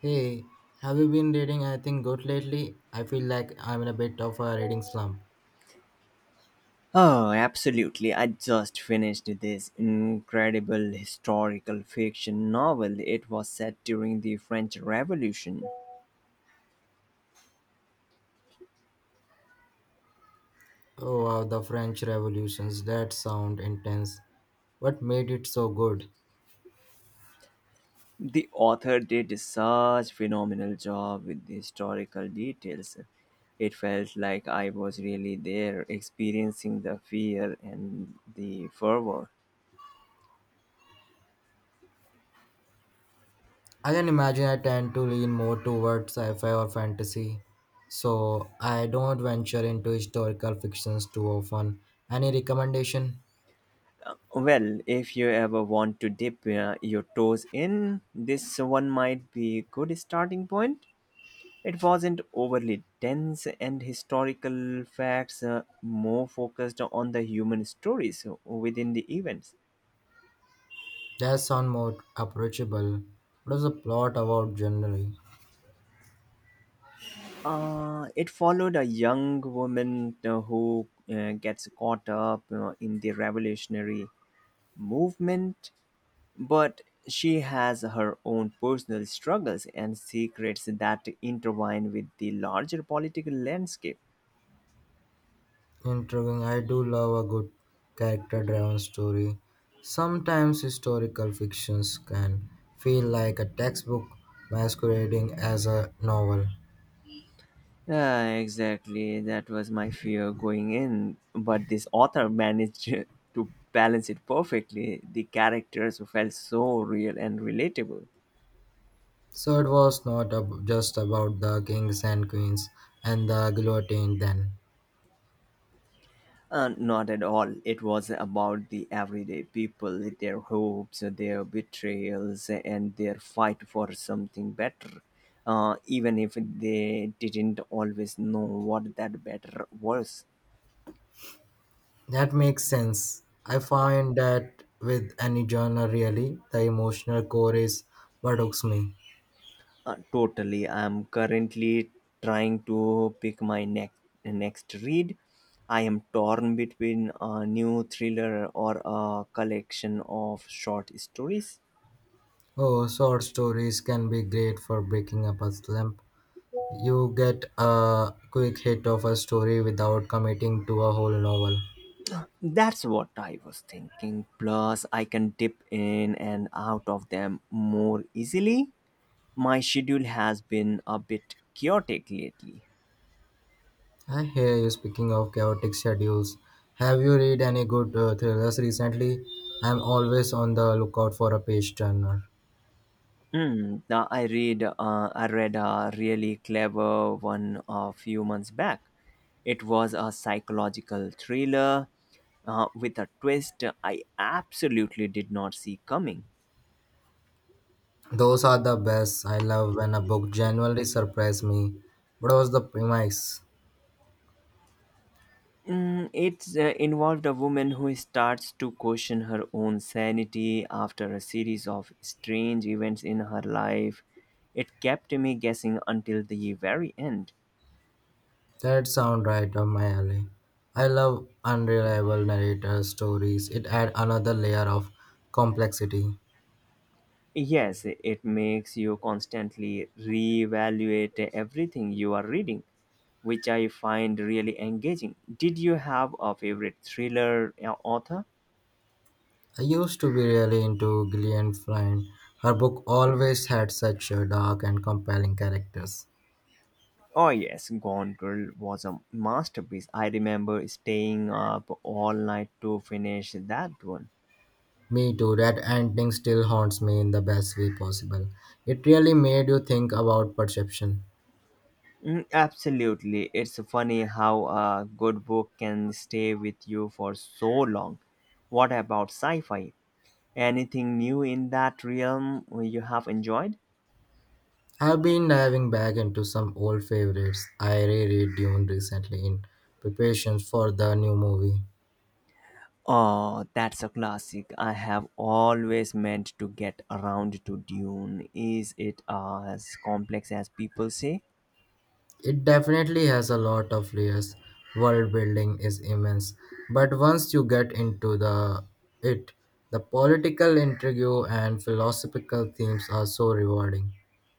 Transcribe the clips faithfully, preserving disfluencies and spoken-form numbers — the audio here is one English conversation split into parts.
Hey, have you been reading anything good lately? I feel like I'm in a bit of a reading slump. Oh, absolutely. I just finished this incredible historical fiction novel. It was set during the French Revolution. Oh wow, the French Revolutions, that sound intense. What made it so good? The author did such phenomenal job with the historical details. It felt like I was really there experiencing the fear and the fervor. I can imagine. I tend to lean more towards sci-fi or fantasy, so I don't venture into historical fictions too often. Any recommendation? Well, if you ever want to dip uh, your toes in, this one might be a good starting point. It wasn't overly dense and historical facts, uh, more focused on the human stories within the events. That sound more approachable. What is the plot about generally? Uh, it followed a young woman uh, who uh, gets caught up uh, in the revolutionary movement, but she has her own personal struggles and secrets that intertwine with the larger political landscape. Intriguing. I do love a good character driven story. Sometimes historical fictions can feel like a textbook masquerading as a novel. Yeah, exactly. That was my fear going in. But this author managed to balance it perfectly. The characters felt so real and relatable. So it was not ab- just about the kings and queens and the guillotine then. Uh, not at all. It was about the everyday people, their hopes, their betrayals, and their fight for something better. Uh, even if they didn't always know what that better was. That makes sense. I find that with any genre really, the emotional core is what hooks me. Uh, totally. I'm currently trying to pick my next next read. I am torn between a new thriller or a collection of short stories. Oh, short stories can be great for breaking up a slump. You get a quick hit of a story without committing to a whole novel. That's what I was thinking. Plus, I can dip in and out of them more easily. My schedule has been a bit chaotic lately. I hear you speaking of chaotic schedules. Have you read any good uh, thrillers recently? I'm always on the lookout for a page turner. Mm, now I read uh, I read a really clever one a few months back. It was a psychological thriller uh, with a twist I absolutely did not see coming. Those are the best. I love when a book genuinely surprises me. What was the premise? Mm, it uh, Involved a woman who starts to question her own sanity after a series of strange events in her life. It kept me guessing until the very end. That sounds right up my alley. I love unreliable narrator stories. It adds another layer of complexity. Yes, it makes you constantly reevaluate everything you are reading, which I find really engaging. Did you have a favorite thriller uh, author? I used to be really into Gillian Flynn. Her book always had such uh, dark and compelling characters. Oh, yes, Gone Girl was a masterpiece. I remember staying up all night to finish that one. Me too, that ending still haunts me in the best way possible. It really made you think about perception. Mm, absolutely. It's funny how a good book can stay with you for so long. What about sci fi? Anything new in that realm you have enjoyed? I've been diving back into some old favorites. I reread Dune recently in preparations for the new movie. Oh, that's a classic. I have always meant to get around to Dune. Is it as complex as people say? It definitely has a lot of layers. World building is immense, but once you get into the it, the political intrigue and philosophical themes are so rewarding.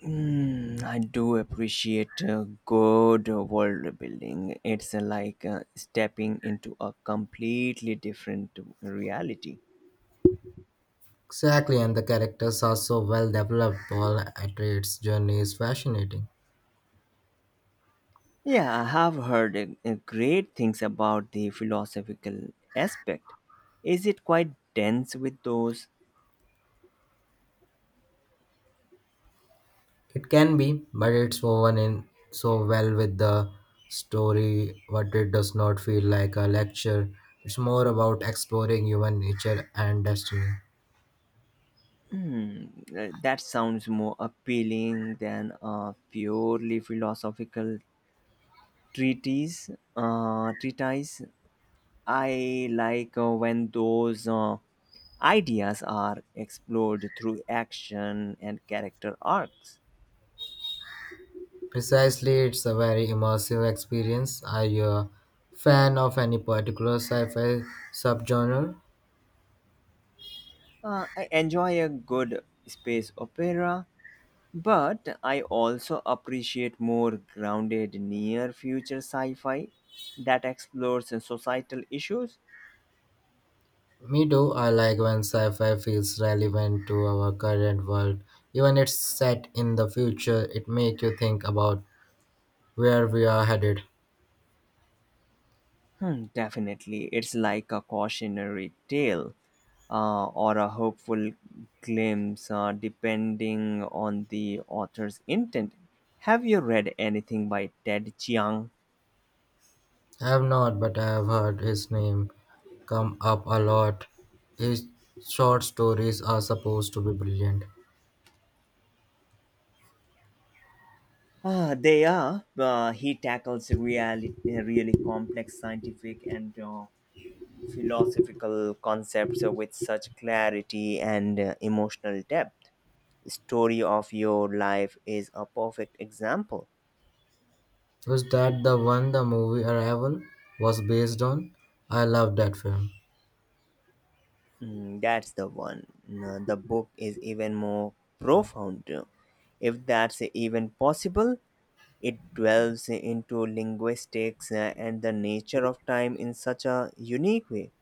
Mm, I do appreciate uh, good world building. It's uh, like uh, stepping into a completely different reality. Exactly, and the characters are so well developed. Paul Atreides' journey is fascinating. Yeah, I have heard uh, uh, great things about the philosophical aspect. Is it quite dense with those? It can be, but it's woven in so well with the story, but it does not feel like a lecture. It's more about exploring human nature and destiny. Hmm, uh, that sounds more appealing than a purely philosophical treatise. Uh, treatise. I like uh, when those uh, ideas are explored through action and character arcs. Precisely, it's a very immersive experience. Are you a fan of any particular sci-fi subgenre? Uh, I enjoy a good space opera, but I also appreciate more grounded near future sci fi that explores societal issues. Me too. I like when sci-fi feels relevant to our current world. Even it's set in the future, it makes you think about where we are headed. Hmm, definitely. It's like a cautionary tale uh, or a hopeful glimpse, uh, depending on the author's intent. Have you read anything by Ted Chiang? I have not, but I have heard his name come up a lot. His short stories are supposed to be brilliant. Ah, they are. Uh, he tackles really, really complex scientific and uh, philosophical concepts with such clarity and uh, emotional depth. Story of Your Life is a perfect example. Was that the one the movie Arrival was based on? I love that film. Mm, that's the one. No, the book is even more profound. If that's even possible, it dwells into linguistics uh, and the nature of time in such a unique way.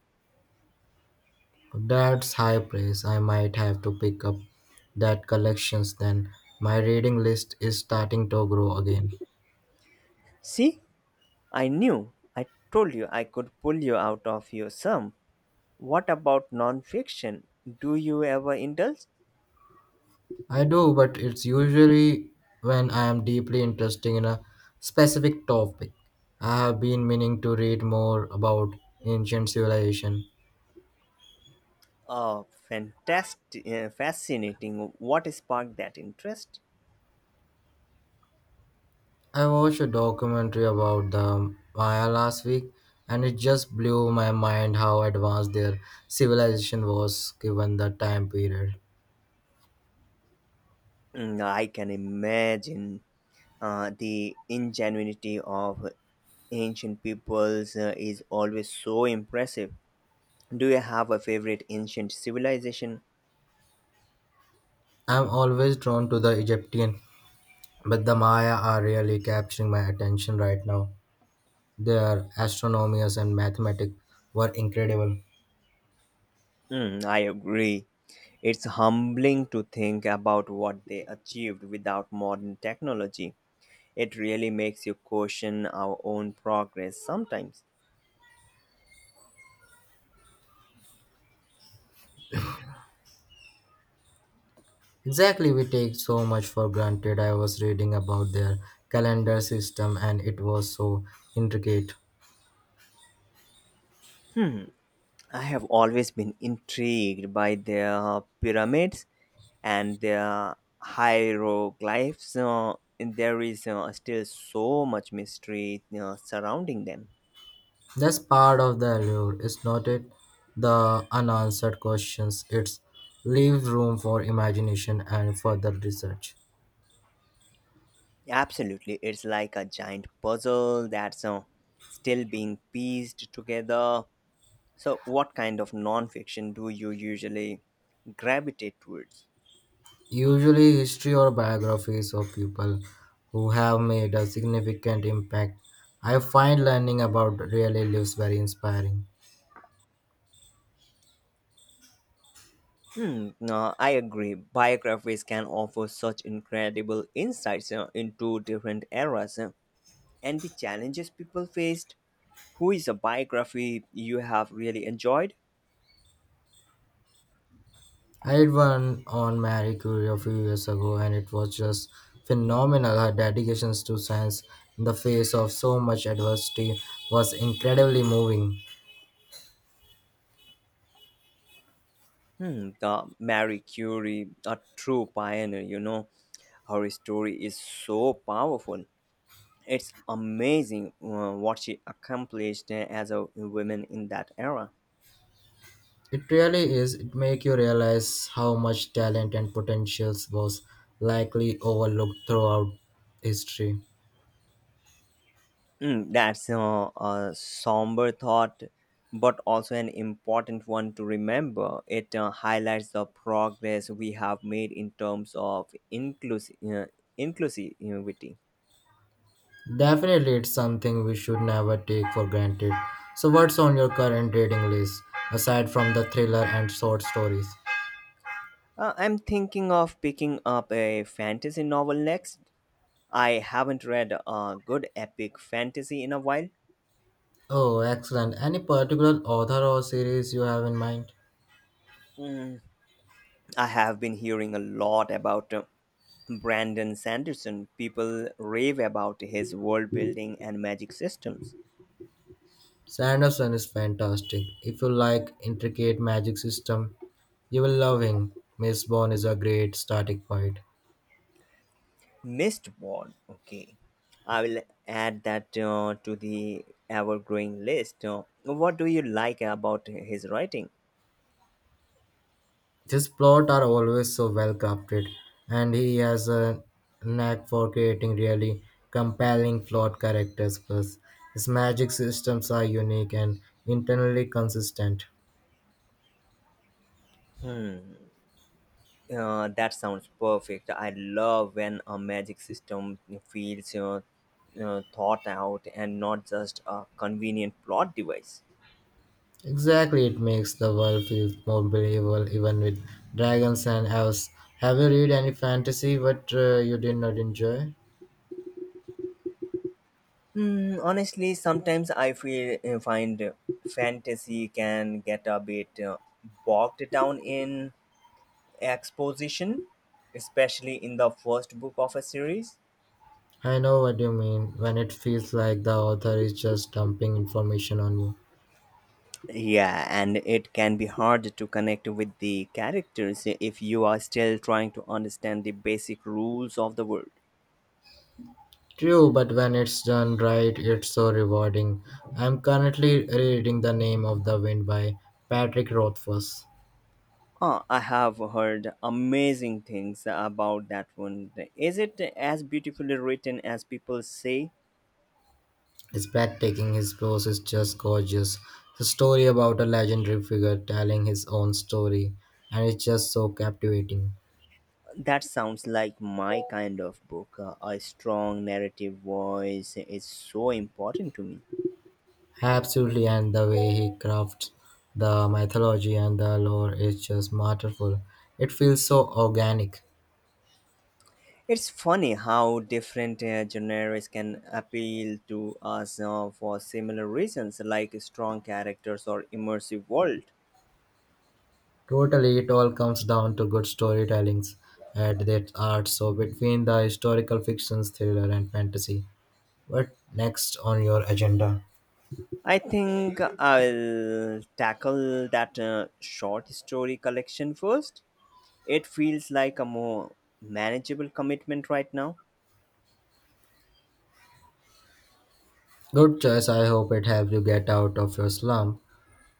That's high praise. I might have to pick up that collections then. My reading list is starting to grow again. See, I knew, I told you I could pull you out of your slump. What about non-fiction? Do you ever indulge? I do, but it's usually when I am deeply interested in a specific topic. I have been meaning to read more about ancient civilization. Oh, fantastic, uh, fascinating. What sparked that interest? I watched a documentary about the Maya last week and it just blew my mind how advanced their civilization was given the time period. Mm, I can imagine. Uh, the ingenuity of ancient peoples uh, is always so impressive. Do you have a favorite ancient civilization? I'm always drawn to the Egyptian. But the Maya are really capturing my attention right now. Their astronomers and mathematics were incredible. Hmm, I agree. It's humbling to think about what they achieved without modern technology. It really makes you question our own progress sometimes. Exactly, we take so much for granted. I was reading about their calendar system and it was so intricate. Hmm, I have always been intrigued by their pyramids and their hieroglyphs, uh, and there is uh, still so much mystery uh, surrounding them. That's part of the allure, is not it? The unanswered questions. It's leaves room for imagination and further research. Absolutely, it's like a giant puzzle that's uh, still being pieced together. So, what kind of nonfiction do you usually gravitate towards? Usually, history or biographies of people who have made a significant impact. I find learning about real lives very inspiring. Hmm, no, I agree. Biographies can offer such incredible insights uh, into different eras uh, and the challenges people faced. Who is a biography you have really enjoyed? I read one on Marie Curie a few years ago, and it was just phenomenal. Her dedication to science in the face of so much adversity was incredibly moving. Hmm, the Marie Curie, a true pioneer, you know. Her story is so powerful. It's amazing uh, what she accomplished as a woman in that era. It really is. It makes you realize how much talent and potentials was likely overlooked throughout history. Mm, that's uh, a somber thought, but also an important one to remember. It uh, highlights the progress we have made in terms of inclus- uh, inclusivity. Definitely, it's something we should never take for granted. So, what's on your current reading list aside from the thriller and short stories? Uh, I'm thinking of picking up a fantasy novel next. I haven't read a good epic fantasy in a while. Oh, excellent. Any particular author or series you have in mind? Mm, I have been hearing a lot about uh, Brandon Sanderson. People rave about his world building and magic systems. Sanderson is fantastic. If you like intricate magic system, you will love him. Miss Bond is a great starting point. Mistborn, okay. I will add that uh, to the ever growing list. Uh, what do you like about his writing? His plots are always so well crafted, and he has a knack for creating really compelling flawed characters. Plus, his magic systems are unique and internally consistent. Hmm. Uh, that sounds perfect. I love when a magic system feels uh, uh, thought out and not just a convenient plot device. Exactly, it makes the world feel more believable, even with dragons and elves. Have you read any fantasy what uh, you did not enjoy? Hmm, honestly, sometimes I feel uh, find fantasy can get a bit uh, bogged down in exposition, especially in the first book of a series. I know what you mean when it feels like the author is just dumping information on you. Yeah, and it can be hard to connect with the characters if you are still trying to understand the basic rules of the world. True, but when it's done right, it's so rewarding. I'm currently reading The Name of the Wind by Patrick Rothfuss. Oh, I have heard amazing things about that one. Is it as beautifully written as people say? It's breathtaking, his prose is just gorgeous. It's a story about a legendary figure telling his own story, and it's just so captivating. That sounds like my kind of book. Uh, A strong narrative voice is so important to me. Absolutely, and the way he crafts the mythology and the lore is just masterful. It feels so organic. It's funny how different uh, genres can appeal to us uh, for similar reasons, like strong characters or immersive world. Totally, it all comes down to good storytellings at their art. So between the historical fictions, thriller, and fantasy, what next on your agenda? I think I'll tackle that uh, short story collection first. It feels like a more manageable commitment right now. Good choice. I hope it helps you get out of your slump.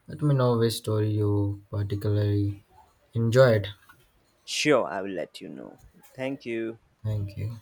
Let me know which story you particularly enjoyed. Sure, I will let you know. Thank you. Thank you.